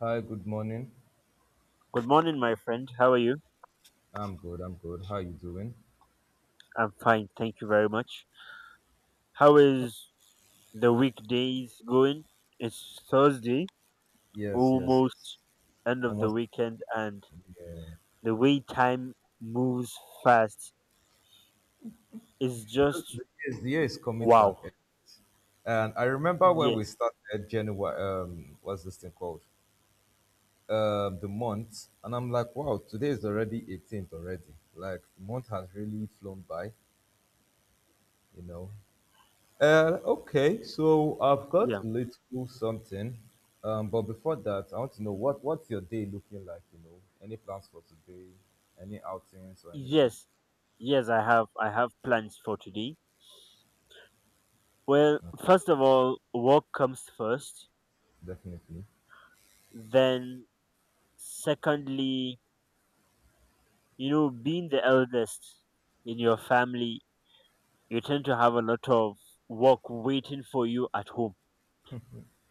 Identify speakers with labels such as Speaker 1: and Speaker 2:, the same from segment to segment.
Speaker 1: Hi, good morning.
Speaker 2: Good morning, my friend. How are you?
Speaker 1: I'm good, I'm good. How you doing?
Speaker 2: I'm fine, thank you very much. How is the weekdays going? It's Thursday,
Speaker 1: Yes, yes, yes.
Speaker 2: almost end of the
Speaker 1: Almost,
Speaker 2: weekend, and
Speaker 1: yeah.
Speaker 2: the way time moves fast is
Speaker 1: Because
Speaker 2: just
Speaker 1: the year is coming to an
Speaker 2: wow.
Speaker 1: end. And I remember when we
Speaker 2: Yes,
Speaker 1: started January, what's this thing called? The month. And I'm like, wow, today is already 18th already. Like, the month has really flown by, you know. Okay, so I've got
Speaker 2: yeah,
Speaker 1: a little something, but before that, I want to know what's your day looking like? You know, any plans for today? Any outings or anything?
Speaker 2: yes, yes. I have plans for today. Well, first of all, work comes first.
Speaker 1: Definitely.
Speaker 2: Then, secondly, you know, being the eldest in your family you tend to have a lot of work waiting for you at home.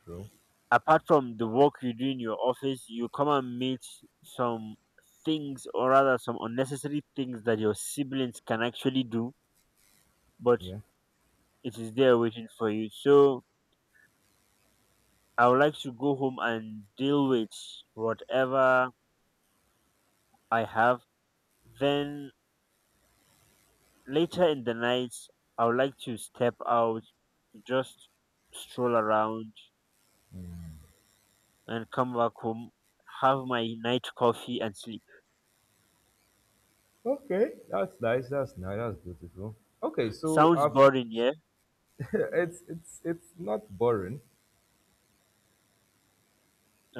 Speaker 1: True.
Speaker 2: Apart from the work you do in your office, you come and meet some things or rather some unnecessary things that your siblings can actually do, but
Speaker 1: Yeah.
Speaker 2: it is there waiting for you. So I would like to go home and deal with whatever I have. Then later in the night, I would like to step out, just stroll around and come back home, have my night coffee and sleep.
Speaker 1: Okay, that's nice. That's nice. That's beautiful. Okay, so
Speaker 2: Sounds
Speaker 1: I've
Speaker 2: boring, yeah?
Speaker 1: it's not boring.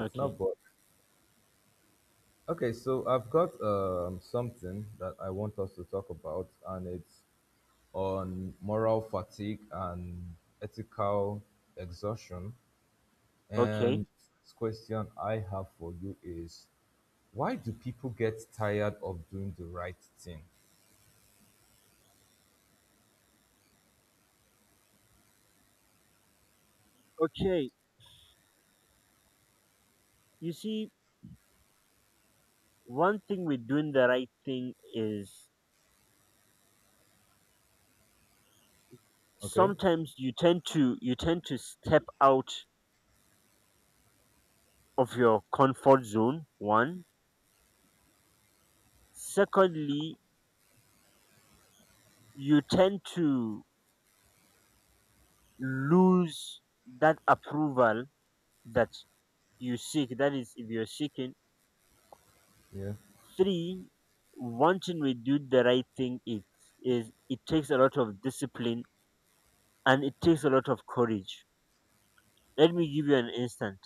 Speaker 1: It's not boring. Okay, so I've got something that I want us to talk about, and it's on moral fatigue and ethical exhaustion.
Speaker 2: Okay.
Speaker 1: And this question I have for you is why do people get tired of doing the right thing?
Speaker 2: Okay. You see, one thing with doing the right thing is
Speaker 1: Okay.
Speaker 2: sometimes you tend to step out of your comfort zone, one. Secondly, you tend to lose that approval that you seek. That is if you're seeking.
Speaker 1: Yeah.
Speaker 2: Three, wanting to do the right thing it takes a lot of discipline and it takes a lot of courage. Let me give you an instant.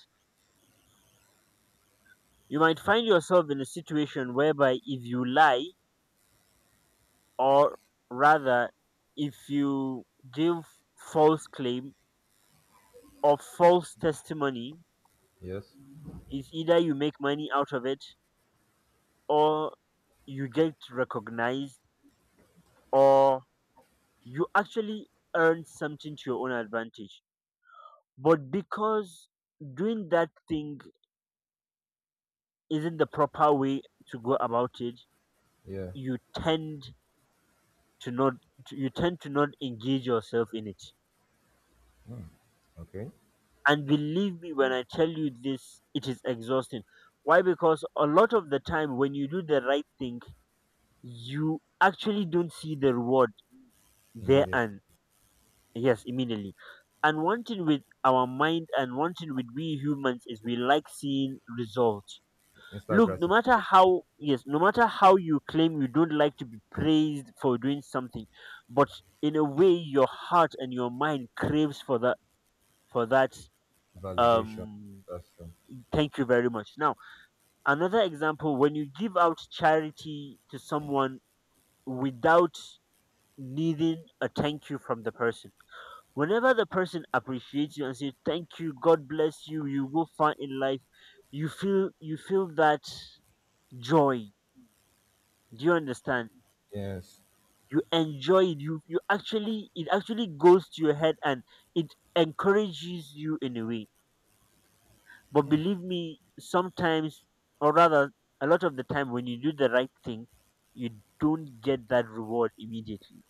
Speaker 2: You might
Speaker 1: Okay.
Speaker 2: find yourself in a situation whereby if you lie, or rather, if you give false claim or false testimony,
Speaker 1: Yes.
Speaker 2: is either you make money out of it, or you get recognized, or you actually earn something to your own advantage. But because doing that thing isn't the proper way to go about it,
Speaker 1: Yeah.
Speaker 2: you tend to not you tend to not engage yourself in it,
Speaker 1: Okay.
Speaker 2: and believe me when I tell you this, it is exhausting. Why? Because a lot of the time when you do the right thing you actually don't see the reward there
Speaker 1: Immediate.
Speaker 2: and yes, immediately. And one thing with our mind and one thing with we humans is we like seeing results.
Speaker 1: Instant
Speaker 2: Look, no matter
Speaker 1: gratification.
Speaker 2: how, yes, no matter how you claim you don't like to be praised for doing something, but in a way your heart and your mind craves for that, for that,
Speaker 1: Validation.
Speaker 2: um
Speaker 1: That's true.
Speaker 2: thank you very much. Now another example, when you give out charity to someone without needing a thank you from the person, whenever the person appreciates you and says thank you, god bless you, you go far in life, you feel that joy. Do you understand?
Speaker 1: Yes.
Speaker 2: You enjoy it, you actually, it actually goes to your head and it encourages you in a way. But believe me, sometimes, or rather, a lot of the time, when you do the right thing, you don't get that reward immediately.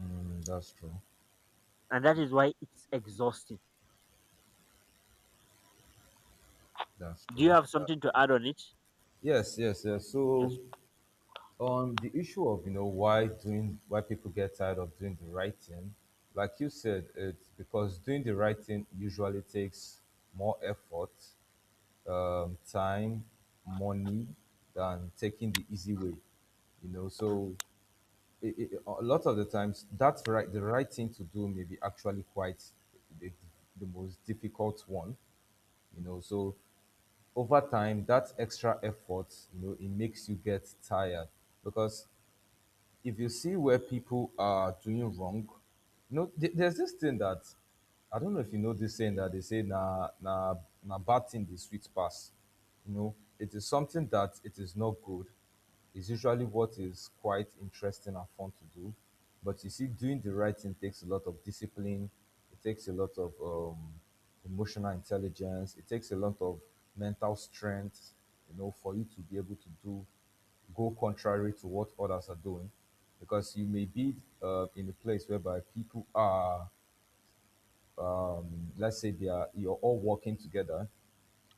Speaker 1: Mm, that's true.
Speaker 2: And that is why it's exhausting.
Speaker 1: That's
Speaker 2: Do you
Speaker 1: true.
Speaker 2: have
Speaker 1: That's
Speaker 2: something to
Speaker 1: true.
Speaker 2: add on it?
Speaker 1: Yes, yes, yes. So
Speaker 2: Yes,
Speaker 1: on the issue of you know why people get tired of doing the right thing, like you said, it's because doing the right thing usually takes more effort, time, money, than taking the easy way, you know. So a lot of the times that's right, the right thing to do may be actually quite the, the most difficult one, you know. So over time that extra effort, you know, it makes you get tired, because if you see where people are doing wrong, you know, there's this thing that I don't know if you know, this saying that they say na na na bad thing the sweet pass. You know, it is something that it is not good. It's usually what is quite interesting and fun to do. But you see, doing the right thing takes a lot of discipline. It takes a lot of emotional intelligence. It takes a lot of mental strength. You know, for you to be able to do go contrary to what others are doing, because you may be in a place whereby people are, um, let's say, they are, you're all working together.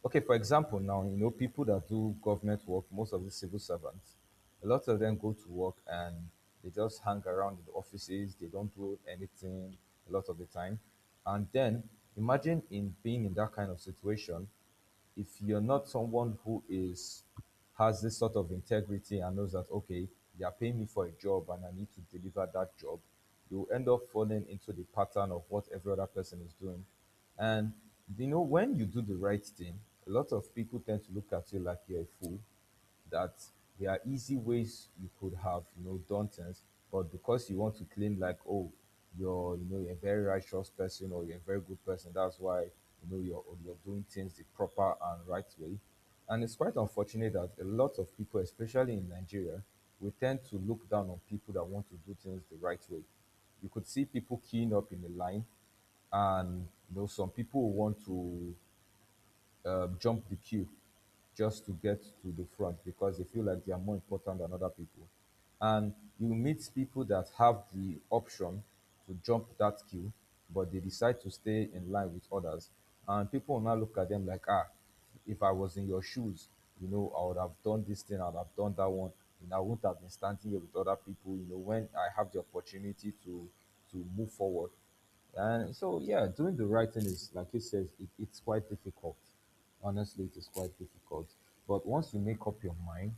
Speaker 1: Okay, for example, now you know people that do government work, most of the civil servants, a lot of them go to work and they just hang around in the offices, they don't do anything a lot of the time. And then imagine in being in that kind of situation, if you're not someone who is, has this sort of integrity and knows that okay, they are paying me for a job and I need to deliver that job, you end up falling into the pattern of what every other person is doing. And you know, when you do the right thing, a lot of people tend to look at you like you're a fool, that there are easy ways you could have, you know, done things, but because you want to claim like, oh, you're, you know, you're a very righteous person or you're a very good person, that's why, you know, you're doing things the proper and right way. And it's quite unfortunate that a lot of people, especially in Nigeria, we tend to look down on people that want to do things the right way. You could see people queuing up in the line, and you know, some people want to jump the queue just to get to the front because they feel like they are more important than other people. And you meet people that have the option to jump that queue, but they decide to stay in line with others. And people will now look at them like, ah, if I was in your shoes, you know, I would have done this thing, I would have done that one, and I wouldn't have been standing here with other people, you know, when I have the opportunity to move forward. And so, yeah, doing the right thing is, like you said, it's quite difficult. Honestly, it is quite difficult. But once you make up your mind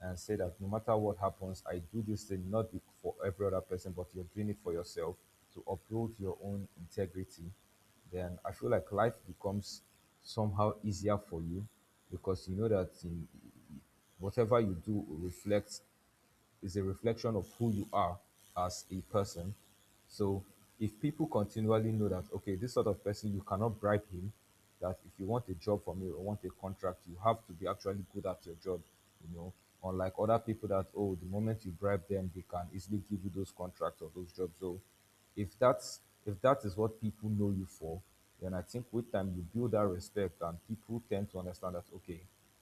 Speaker 1: and say that no matter what happens, I do this thing not for every other person, but you're doing it for yourself, to uphold your own integrity, then I feel like life becomes somehow easier for you because you know that whatever you do reflects is a reflection of who you are as a person. So if people continually know that, okay, this sort of person, you cannot bribe him, that if you want a job from me or want a contract, you have to be actually good at your job, you know, unlike other people that, oh, the moment you bribe them, they can easily give you those contracts or those jobs. So if that's if that is what people know you for, then I think with time you build that respect and people tend to understand that okay,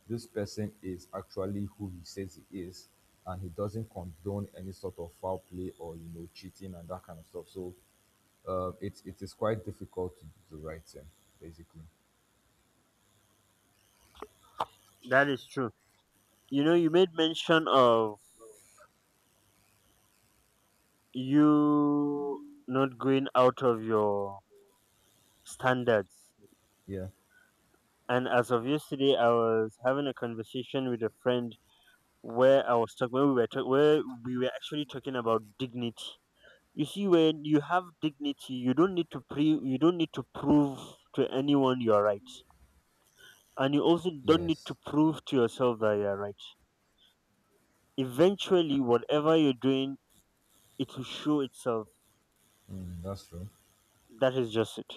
Speaker 1: this person is actually who he says he is, and he doesn't condone any sort of foul play or, you know, cheating and that kind of stuff. So it is quite difficult to do the right thing, basically.
Speaker 2: that is true. You know, you made mention of you not going out of your standards.
Speaker 1: Yeah.
Speaker 2: And as of yesterday, I was having a conversation with a friend where I was talking, where we were, where we were actually talking about dignity. You see, when you have dignity you don't need to pre you don't need to prove to anyone you're right, and you also don't need to
Speaker 1: Yes.
Speaker 2: prove to yourself that you're right. Eventually, whatever you're doing, it will show itself.
Speaker 1: Mm, that's true.
Speaker 2: That is just it.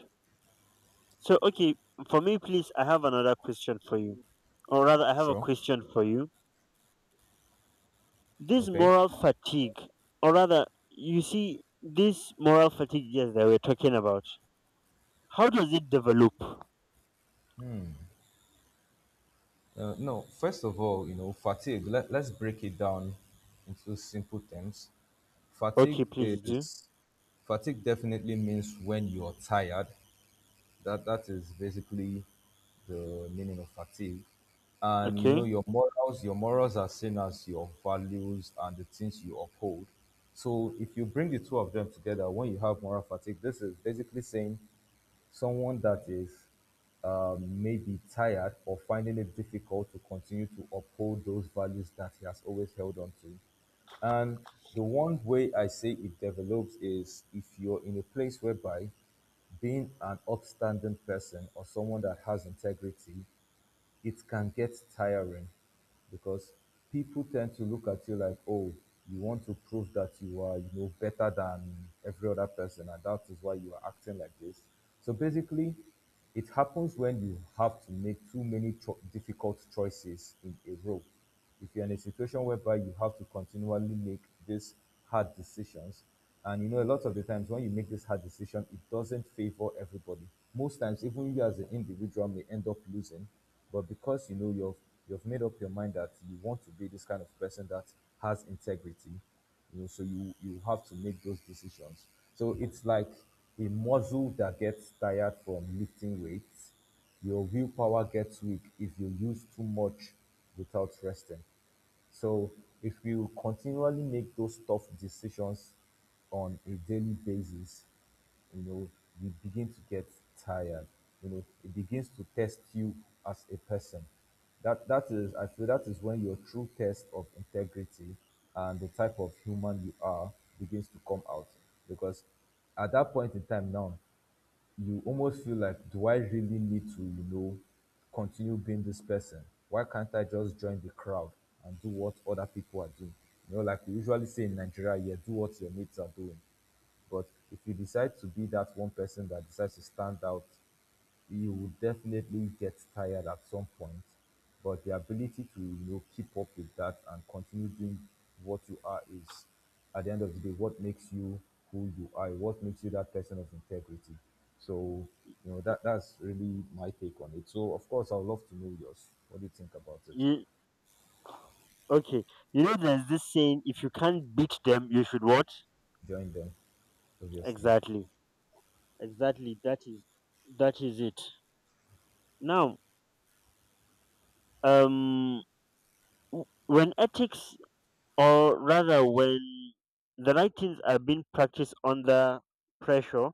Speaker 2: So okay, for me, please, I have another question for you, or rather I have a
Speaker 1: Sure.
Speaker 2: question for you. This
Speaker 1: Okay.
Speaker 2: moral fatigue, or rather, you see, this moral fatigue, yes, that we're talking about, how does it develop?
Speaker 1: No. First of all, you know, fatigue. Let's break it down into simple terms. Fatigue
Speaker 2: Okay, please do.
Speaker 1: is Fatigue definitely means when you're tired. That that is basically the meaning of fatigue. And you know
Speaker 2: Okay.
Speaker 1: your morals are seen as your values and the things you uphold. So if you bring the two of them together, when you have moral fatigue, this is basically saying someone that is, may, tired or finding it difficult to continue to uphold those values that he has always held on to. And the one way I say it develops is if you're in a place whereby being an upstanding person or someone that has integrity, it can get tiring because people tend to look at you like, oh, you want to prove that you are, you know, better than every other person, and that is why you are acting like this. So basically, it happens when you have to make too many difficult choices in a row. If you're in a situation whereby you have to continually make these hard decisions, and you know, a lot of the times when you make this hard decision, it doesn't favor everybody. Most times, even you as an individual may end up losing, but because you know you've made up your mind that you want to be this kind of person that has integrity, you know, so you have to make those decisions. So it's like a muscle that gets tired from lifting weights, your willpower gets weak if you use too much without resting. So if you continually make those tough decisions on a daily basis, you know, you begin to get tired. You know, it begins to test you as a person. That is, I feel that is when your true test of integrity and the type of human you are begins to come out. Because at that point in time now, you almost feel like, do I really need to, you know, continue being this person? Why can't I just join the crowd and do what other people are doing? You know, like we usually say in Nigeria, yeah, do what your mates are doing. But if you decide to be that one person that decides to stand out, you would definitely get tired at some point. But the ability to, you know, keep up with that and continue doing what you are is, at the end of the day, what makes you who you are. What makes you that person of integrity. So you know that's really my take on it. So of course, I would love to know yours. What do you think about it?
Speaker 2: You. Okay. You know, there's this saying: if you can't beat them, you should what?
Speaker 1: Join them, obviously.
Speaker 2: Exactly. Exactly. That is, that is it. Now, um, when ethics, or rather, when the right things are being practiced under pressure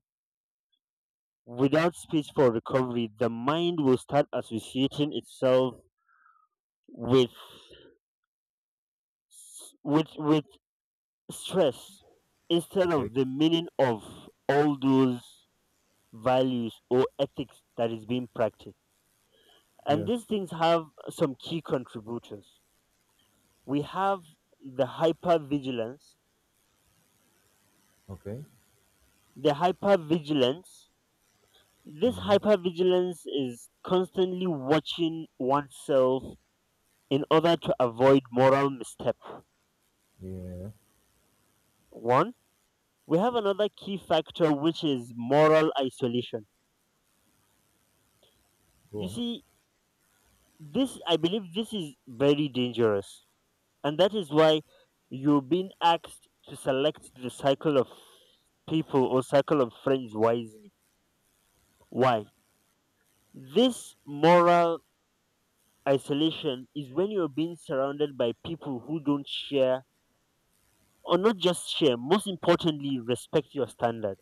Speaker 2: without space for recovery, the mind will start associating itself with with stress instead
Speaker 1: Okay.
Speaker 2: of the meaning of all those values or ethics that is being practiced. And
Speaker 1: Yeah.
Speaker 2: these things have some key contributors. We have the hypervigilance.
Speaker 1: Okay.
Speaker 2: The hypervigilance, this
Speaker 1: Mm-hmm.
Speaker 2: hypervigilance is constantly watching oneself in order to avoid moral misstep.
Speaker 1: Yeah.
Speaker 2: One, we have another key factor which is moral isolation.
Speaker 1: Go
Speaker 2: You
Speaker 1: on.
Speaker 2: see, this, I believe this is very dangerous, and that is why you're being asked to select the cycle of people or cycle of friends wisely. Why? This moral isolation is when you're being surrounded by people who don't share, or not just share, most importantly, respect your standard.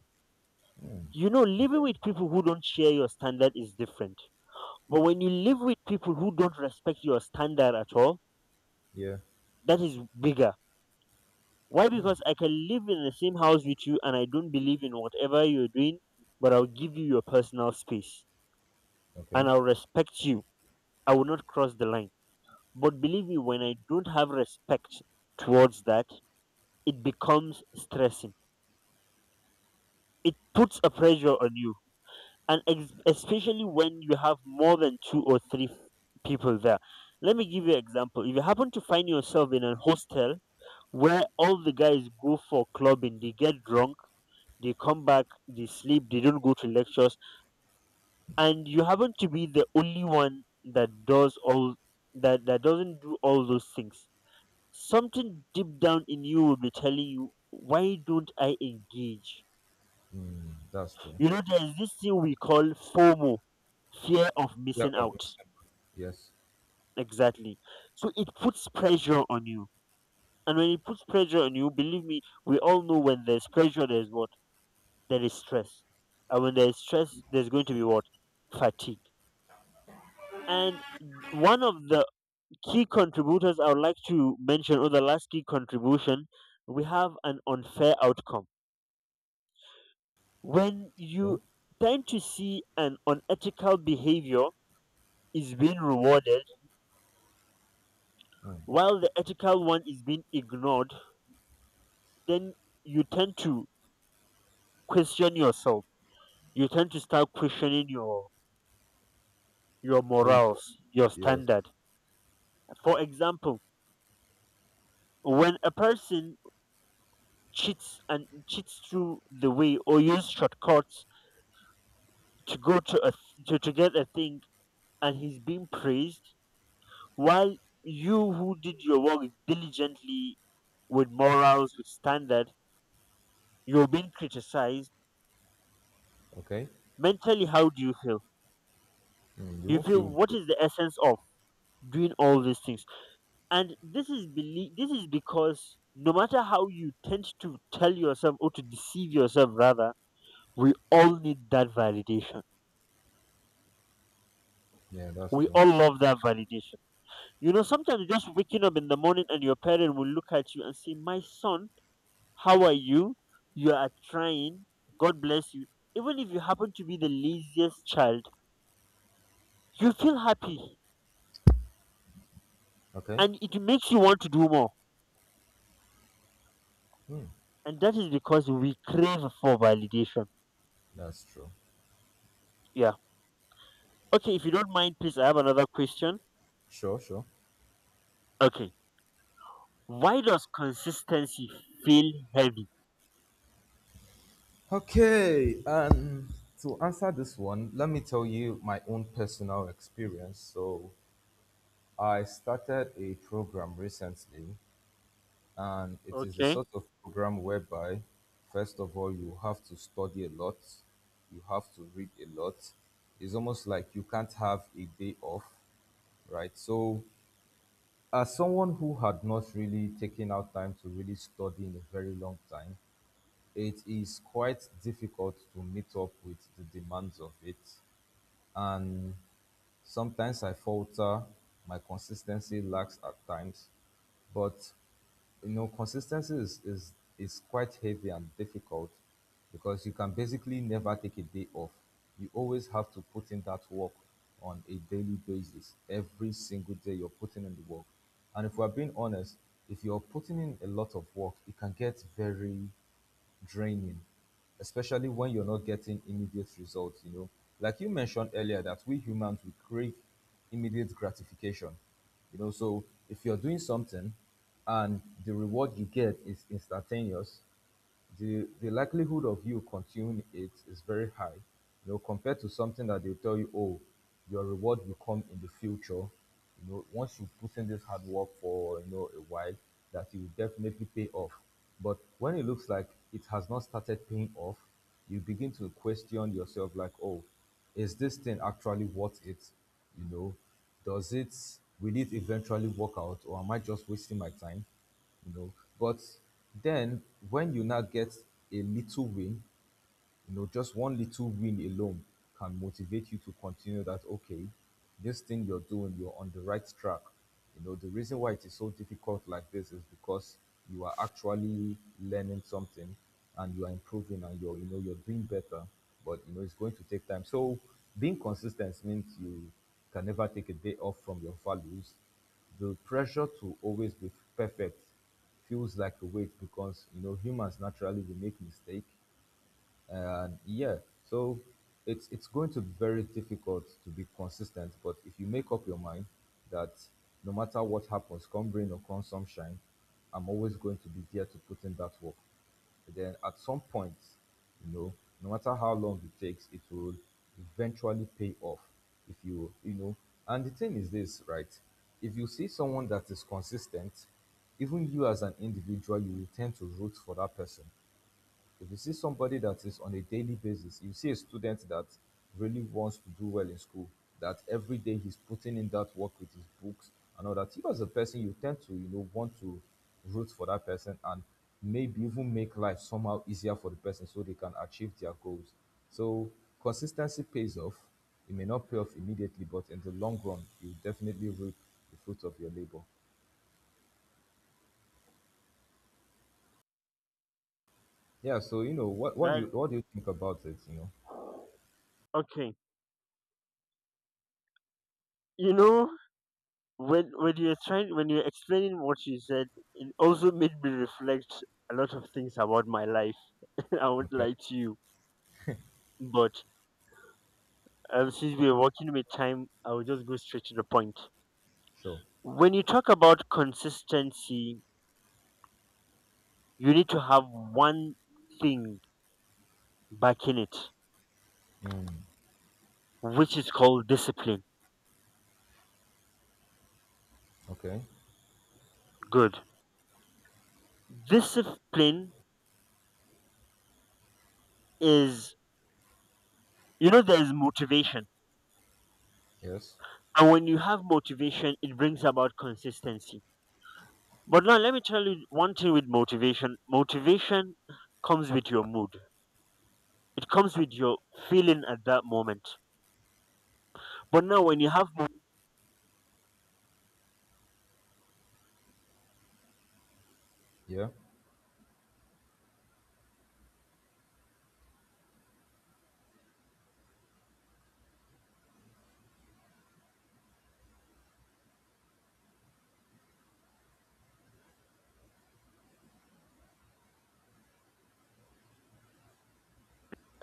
Speaker 1: Mm.
Speaker 2: You know, living
Speaker 1: Okay.
Speaker 2: with people who don't share your standard is different. But when you live with people who don't respect your standard at all,
Speaker 1: Yeah.
Speaker 2: that is bigger. Why?
Speaker 1: Mm.
Speaker 2: Because I can live in the same house with you and I don't believe in whatever you're doing, but I'll give you your personal space and
Speaker 1: Okay.
Speaker 2: I'll respect you. I will not cross the line. But believe me, when I don't have respect towards that, it becomes stressing. It puts a pressure on you. And especially when you have more than two or three people there. Let me give you an example. If you happen to find yourself in a hostel where all the guys go for clubbing, they get drunk, they come back, they sleep, they don't go to lectures, and you happen to be the only one that does all that that doesn't do all those things. Something deep down in you will be telling you, why don't I engage?
Speaker 1: Mm. That's true.
Speaker 2: You know, there's this thing we call FOMO, fear of
Speaker 1: Yeah,
Speaker 2: missing
Speaker 1: of
Speaker 2: out.
Speaker 1: Mr. Yes.
Speaker 2: Exactly. So it puts pressure on you. And when it puts pressure on you, believe me, we all know when there's pressure, there's what? There is stress. And when there is stress, there's going to be what? Fatigue. And one of the key contributors I would like to mention, or the last key contribution, we have an unfair outcome. When
Speaker 1: Okay.
Speaker 2: you tend to see an unethical behavior is being rewarded
Speaker 1: Mm.
Speaker 2: while the ethical one is being ignored, then you tend to question yourself. You tend to start questioning your
Speaker 1: Who you are.
Speaker 2: morals, your
Speaker 1: Yes.
Speaker 2: standard. For example, when a person cheats and cheats through the way or use shortcuts to go to to get a thing and he's being praised while you who did your work diligently with morals, with standard, you're being criticized,
Speaker 1: Okay.
Speaker 2: mentally how do you feel?
Speaker 1: Mm. You
Speaker 2: You
Speaker 1: won't
Speaker 2: feel,
Speaker 1: feel
Speaker 2: what
Speaker 1: good.
Speaker 2: is the essence of doing all these things? And this is this is because no matter how you tend to tell yourself or to deceive yourself rather, we all need that validation,
Speaker 1: Yeah, that's
Speaker 2: we
Speaker 1: true.
Speaker 2: all love that validation. You know, sometimes you're just waking up in the morning and your parent will look at you and say, My son, how are you? You are trying. God bless you. Even if you happen to be the laziest child, you feel happy
Speaker 1: Okay.
Speaker 2: and it makes you want to do more.
Speaker 1: Mm.
Speaker 2: And that is because we crave for validation.
Speaker 1: That's true.
Speaker 2: Yeah. Okay, if you don't mind, please, I have another question.
Speaker 1: Sure, sure.
Speaker 2: Okay. Why does consistency feel heavy?
Speaker 1: Okay. And to answer this one, let me tell you my own personal experience. So I started a program recently. And it is the
Speaker 2: Okay.
Speaker 1: sort of program whereby, first of all, you have to study a lot, you have to read a lot. It's almost like you can't have a day off, right? So, as someone who had not really taken out time to really study in a very long time, it is quite difficult to meet up with the demands of it. And sometimes I falter, my consistency lacks at times, but you know, consistency is quite heavy and difficult because you can basically never take a day off. You always have to put in that work on a daily basis. Every single day you're putting in the work. And if we're being honest, if you're putting in a lot of work, it can get very draining, especially when you're not getting immediate results. You know, like you mentioned earlier, that we humans we crave immediate gratification. You know, so if you're doing something and the reward you get is instantaneous, the likelihood of you continuing it is very high. You know, compared to something that they tell you, oh, your reward will come in the future. You know, once you put in this hard work for a while, that you will definitely pay off. But when it looks like it has not started paying off, you begin to question yourself like, oh, is this thing actually worth it? You know, does it, will it eventually work out, or am I just wasting my time? You know, but then when you now get a little win, you know, just one little win alone can motivate you to continue that. Okay, this thing you're doing, you're on the right track. You know, the reason why it is so difficult like this is because you are actually learning something and you are improving and you're, you know, you're doing better, but you know, it's going to take time. So being consistent means you can never take a day off from your values. The pressure to always be perfect feels like a weight, because you know humans naturally we make mistakes, and yeah, so it's going to be very difficult to be consistent. But if you make up your mind that no matter what happens, come rain or come sunshine, I'm always going to be there to put in that work. But then at some point, you know, no matter how long it takes, it will eventually pay off if you, you know. And the thing is this, right? If you see someone that is consistent, even you as an individual, you will tend to root for that person. If you see somebody that is on a daily basis, you see a student that really wants to do well in school, that every day he's putting in that work with his books and all that. You as a person, you tend to, you know, want to root for that person and maybe even make life somehow easier for the person so they can achieve their goals. So consistency pays off. It may not pay off immediately, but in the long run, you definitely reap the fruit of your labor. Yeah. So you know, what do you
Speaker 2: That,
Speaker 1: what do you think about it? You know.
Speaker 2: okay. You know, when you're trying, when you're explaining what you said, it also made me reflect a lot of things about my life. I won't
Speaker 1: Okay.
Speaker 2: lie to you, but since we're working with time, I will just go straight to the point.
Speaker 1: Sure.
Speaker 2: When you talk about consistency, you need to have one thing backing it,
Speaker 1: Mm.
Speaker 2: which is called discipline.
Speaker 1: Okay.
Speaker 2: Good. Discipline is, you know, there is motivation,
Speaker 1: Yes.
Speaker 2: and when you have motivation, it brings about consistency. But now let me tell you one thing with motivation. Motivation comes with your mood. It comes with your feeling at that moment. But now when you have
Speaker 1: Yeah.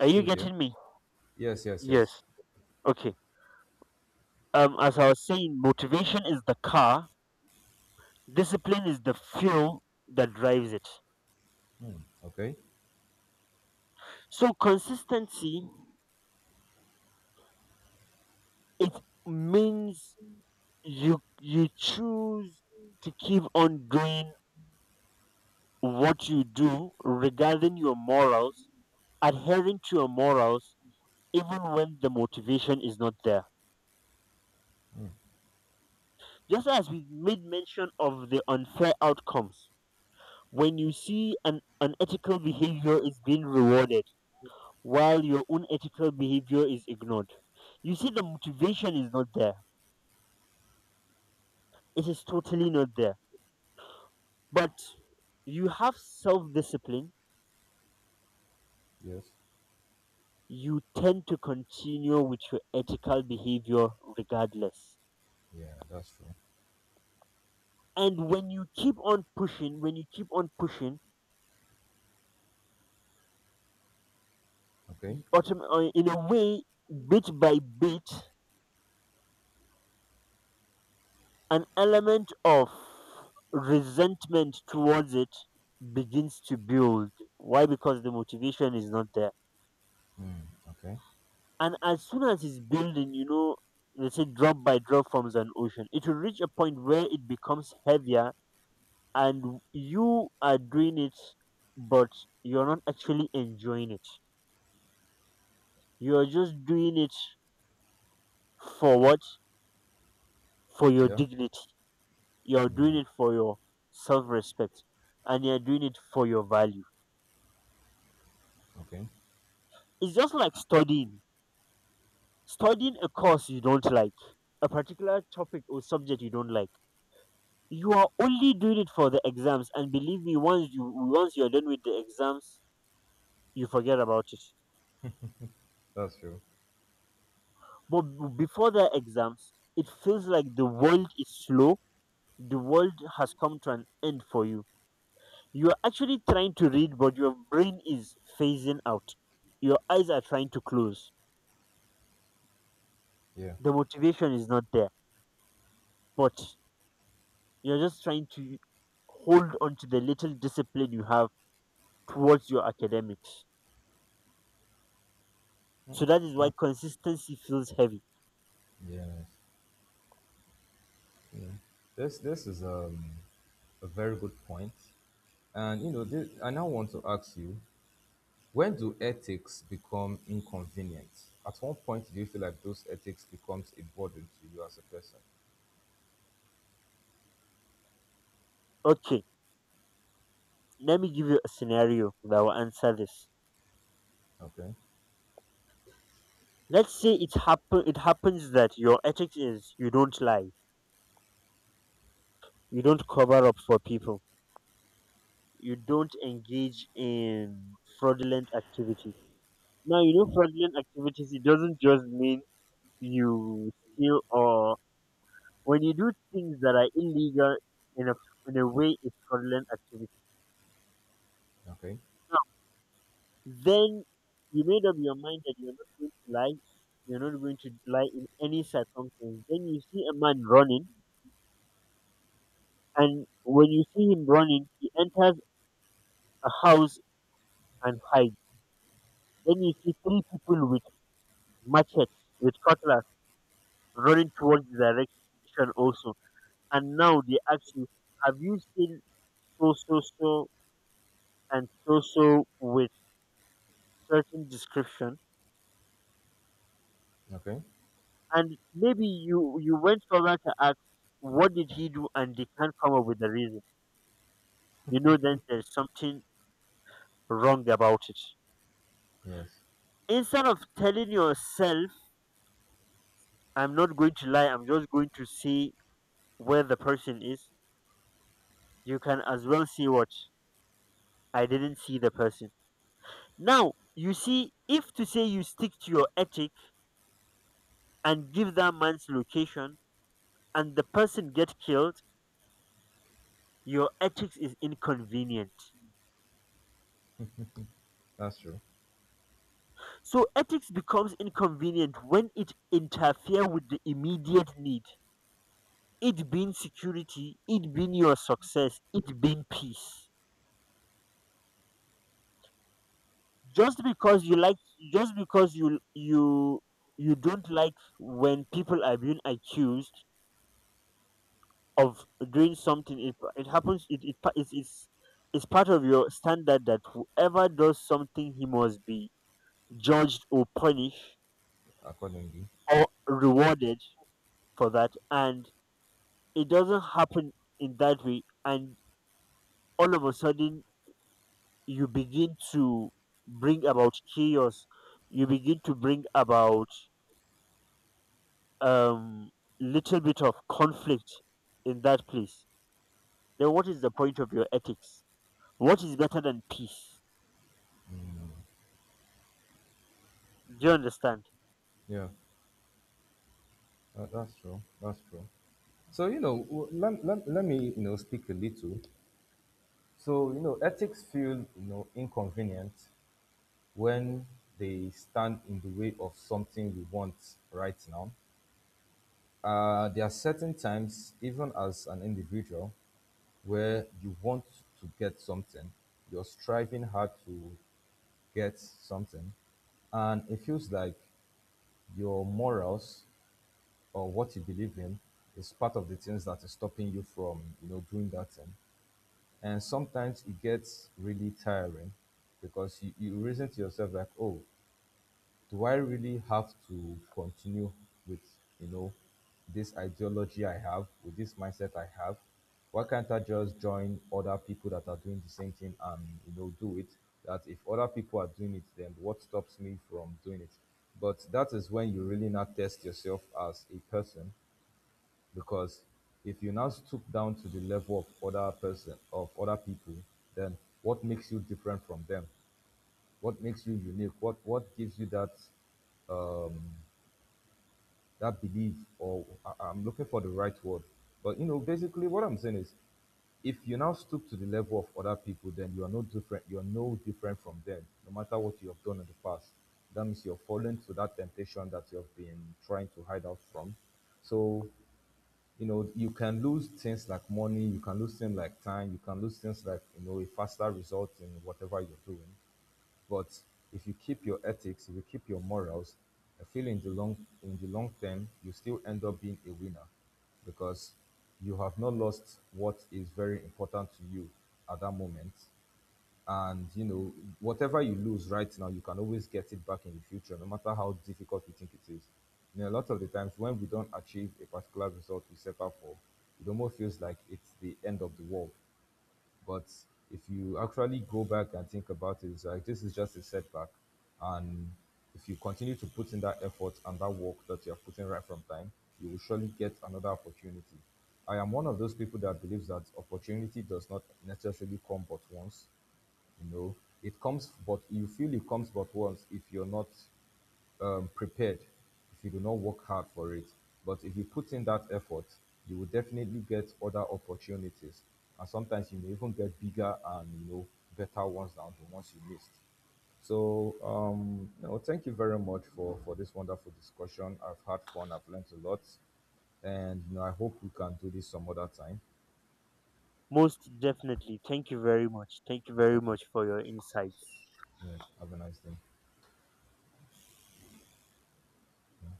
Speaker 2: are you
Speaker 1: there.
Speaker 2: getting me?
Speaker 1: Yes, yes, yes.
Speaker 2: Yes. Okay. As I was saying, motivation is the car, discipline is the fuel that drives it.
Speaker 1: Okay.
Speaker 2: So consistency, it means you, you choose to keep on doing what you do regarding your morals, adhering to your morals even when the motivation is not there. Just as we made mention of the unfair outcomes, when you see an unethical behavior is being rewarded while your own ethical behavior is ignored, you see the motivation is not there. It is totally not there. But you have self discipline,
Speaker 1: Yes.
Speaker 2: you tend to continue with your ethical behavior regardless.
Speaker 1: Yeah, that's true.
Speaker 2: And when you keep on pushing, when you keep on pushing,
Speaker 1: Okay.
Speaker 2: in a way, bit by bit, an element of resentment towards it begins to build. Why? Because the motivation is not there.
Speaker 1: Okay.
Speaker 2: And as soon as it's building, you know, they say drop by drop forms an ocean. It will reach a point where it becomes heavier and you are doing it, but you're not actually enjoying it. You're just doing it for what? For your
Speaker 1: Yeah.
Speaker 2: dignity. You're doing it for your self respect and you're doing it for your value.
Speaker 1: Okay.
Speaker 2: It's just like studying. Studying a course you don't like, a particular topic or subject you don't like. You are only doing it for the exams and believe me once you're done with the exams, you forget about it.
Speaker 1: That's true.
Speaker 2: But before the exams, it feels like the world is slow. The world has come to an end for you. You're actually trying to read, but your brain is phasing out. Your eyes are trying to close.
Speaker 1: Yeah.
Speaker 2: The motivation is not there, but you're just trying to hold on to the little discipline you have towards your academics. So that is why
Speaker 1: That,
Speaker 2: consistency feels heavy.
Speaker 1: yeah. This is a very good point. And you know, this, I now want to ask you, when do ethics become inconvenient? At what point do you feel like those ethics becomes a burden to you as a person?
Speaker 2: Okay, let me give you a scenario that will answer this.
Speaker 1: Okay.
Speaker 2: Let's say it happens that your ethics is you don't lie, you don't cover up for people, you don't engage in fraudulent activities. Now, you know, fraudulent activities, it doesn't just mean you steal or when you do things that are illegal, in a, in a way, it's fraudulent activity.
Speaker 1: Okay.
Speaker 2: Now, then, you made up your mind that you're not going to lie. You're not going to lie in any circumstance. Then you see a man running, and when you see him running, he enters a house and hides. Then you see three people with machetes, with cutlass, running towards the direction also. And now they ask you, have you seen so and so with certain description,
Speaker 1: Okay.
Speaker 2: and maybe you went further to ask what did he do, and they can't come up with the reason, you know, then there's something wrong about it.
Speaker 1: Yes.
Speaker 2: Instead of telling yourself I'm not going to lie, I'm just going to see where the person is, you can as well see what, I didn't see the person. Now you see, if to say you stick to your ethic and give that man's location and the person get killed, your ethics is inconvenient.
Speaker 1: That's true.
Speaker 2: So ethics becomes inconvenient when it interferes with the immediate need. It being security, it being your success, it being peace. Just because you like just because you you don't like when people are being accused of doing something, it happens it, it pa- it's part of your standard that whoever does something he must be judged or punished
Speaker 1: Accordingly.
Speaker 2: or rewarded for that, and it doesn't happen in that way, and all of a sudden you begin to bring about chaos, you begin to bring about um little bit of conflict in that place, then what is the point of your ethics? What is better than peace? Do you understand?
Speaker 1: Yeah. That's true. That's true. So you know, let me you know speak a little. So you know, ethics feel you know inconvenient when they stand in the way of something we want right now. There are certain times, even as an individual, where you want to get something, you're striving hard to get something, and it feels like your morals or what you believe in is part of the things that is stopping you from you know doing that thing. And sometimes it gets really tiring because you reason to yourself like, oh, do I really have to continue with you know this ideology I have, with this mindset I have. Why can't I just join other people that are doing the same thing and you know do it? That if other people are doing it, then what stops me from doing it? But that is when you really not test yourself as a person, because if you now stoop down to the level of other person of other people, then what makes you different from them? What makes you unique? What gives you that belief, or I'm looking for the right word, but you know basically what I'm saying is, if you now stoop to the level of other people, then you are no different, from them, no matter what you have done in the past. That means you're falling to that temptation that you have been trying to hide out from. So you know, you can lose things like money, you can lose things like time, you can lose things like you know a faster result in whatever you're doing. But if you keep your ethics, if you keep your morals, I feel in the long, in the long term you still end up being a winner, because you have not lost what is very important to you at that moment. And you know, whatever you lose right now, you can always get it back in the future, no matter how difficult we think it is. You know, a lot of the times when we don't achieve a particular result we set out for, it almost feels like it's the end of the world. But if you actually go back and think about it, it's like this is just a setback. And if you continue to put in that effort and that work that you are putting right from time, you will surely get another opportunity. I am one of those people that believes that opportunity does not necessarily come but once. You know, it comes, but you feel it comes but once if you're not prepared, if you do not work hard for it. But if you put in that effort, you will definitely get other opportunities, and sometimes you may even get bigger and you know better ones than the ones you missed. So, no, thank you very much for this wonderful discussion. I've had fun, I've learned a lot, and you know, I hope we can do this some other time.
Speaker 2: Most definitely, thank you very much, thank you very
Speaker 1: Thank you.
Speaker 2: much for your insights.
Speaker 1: Yeah, have a nice day.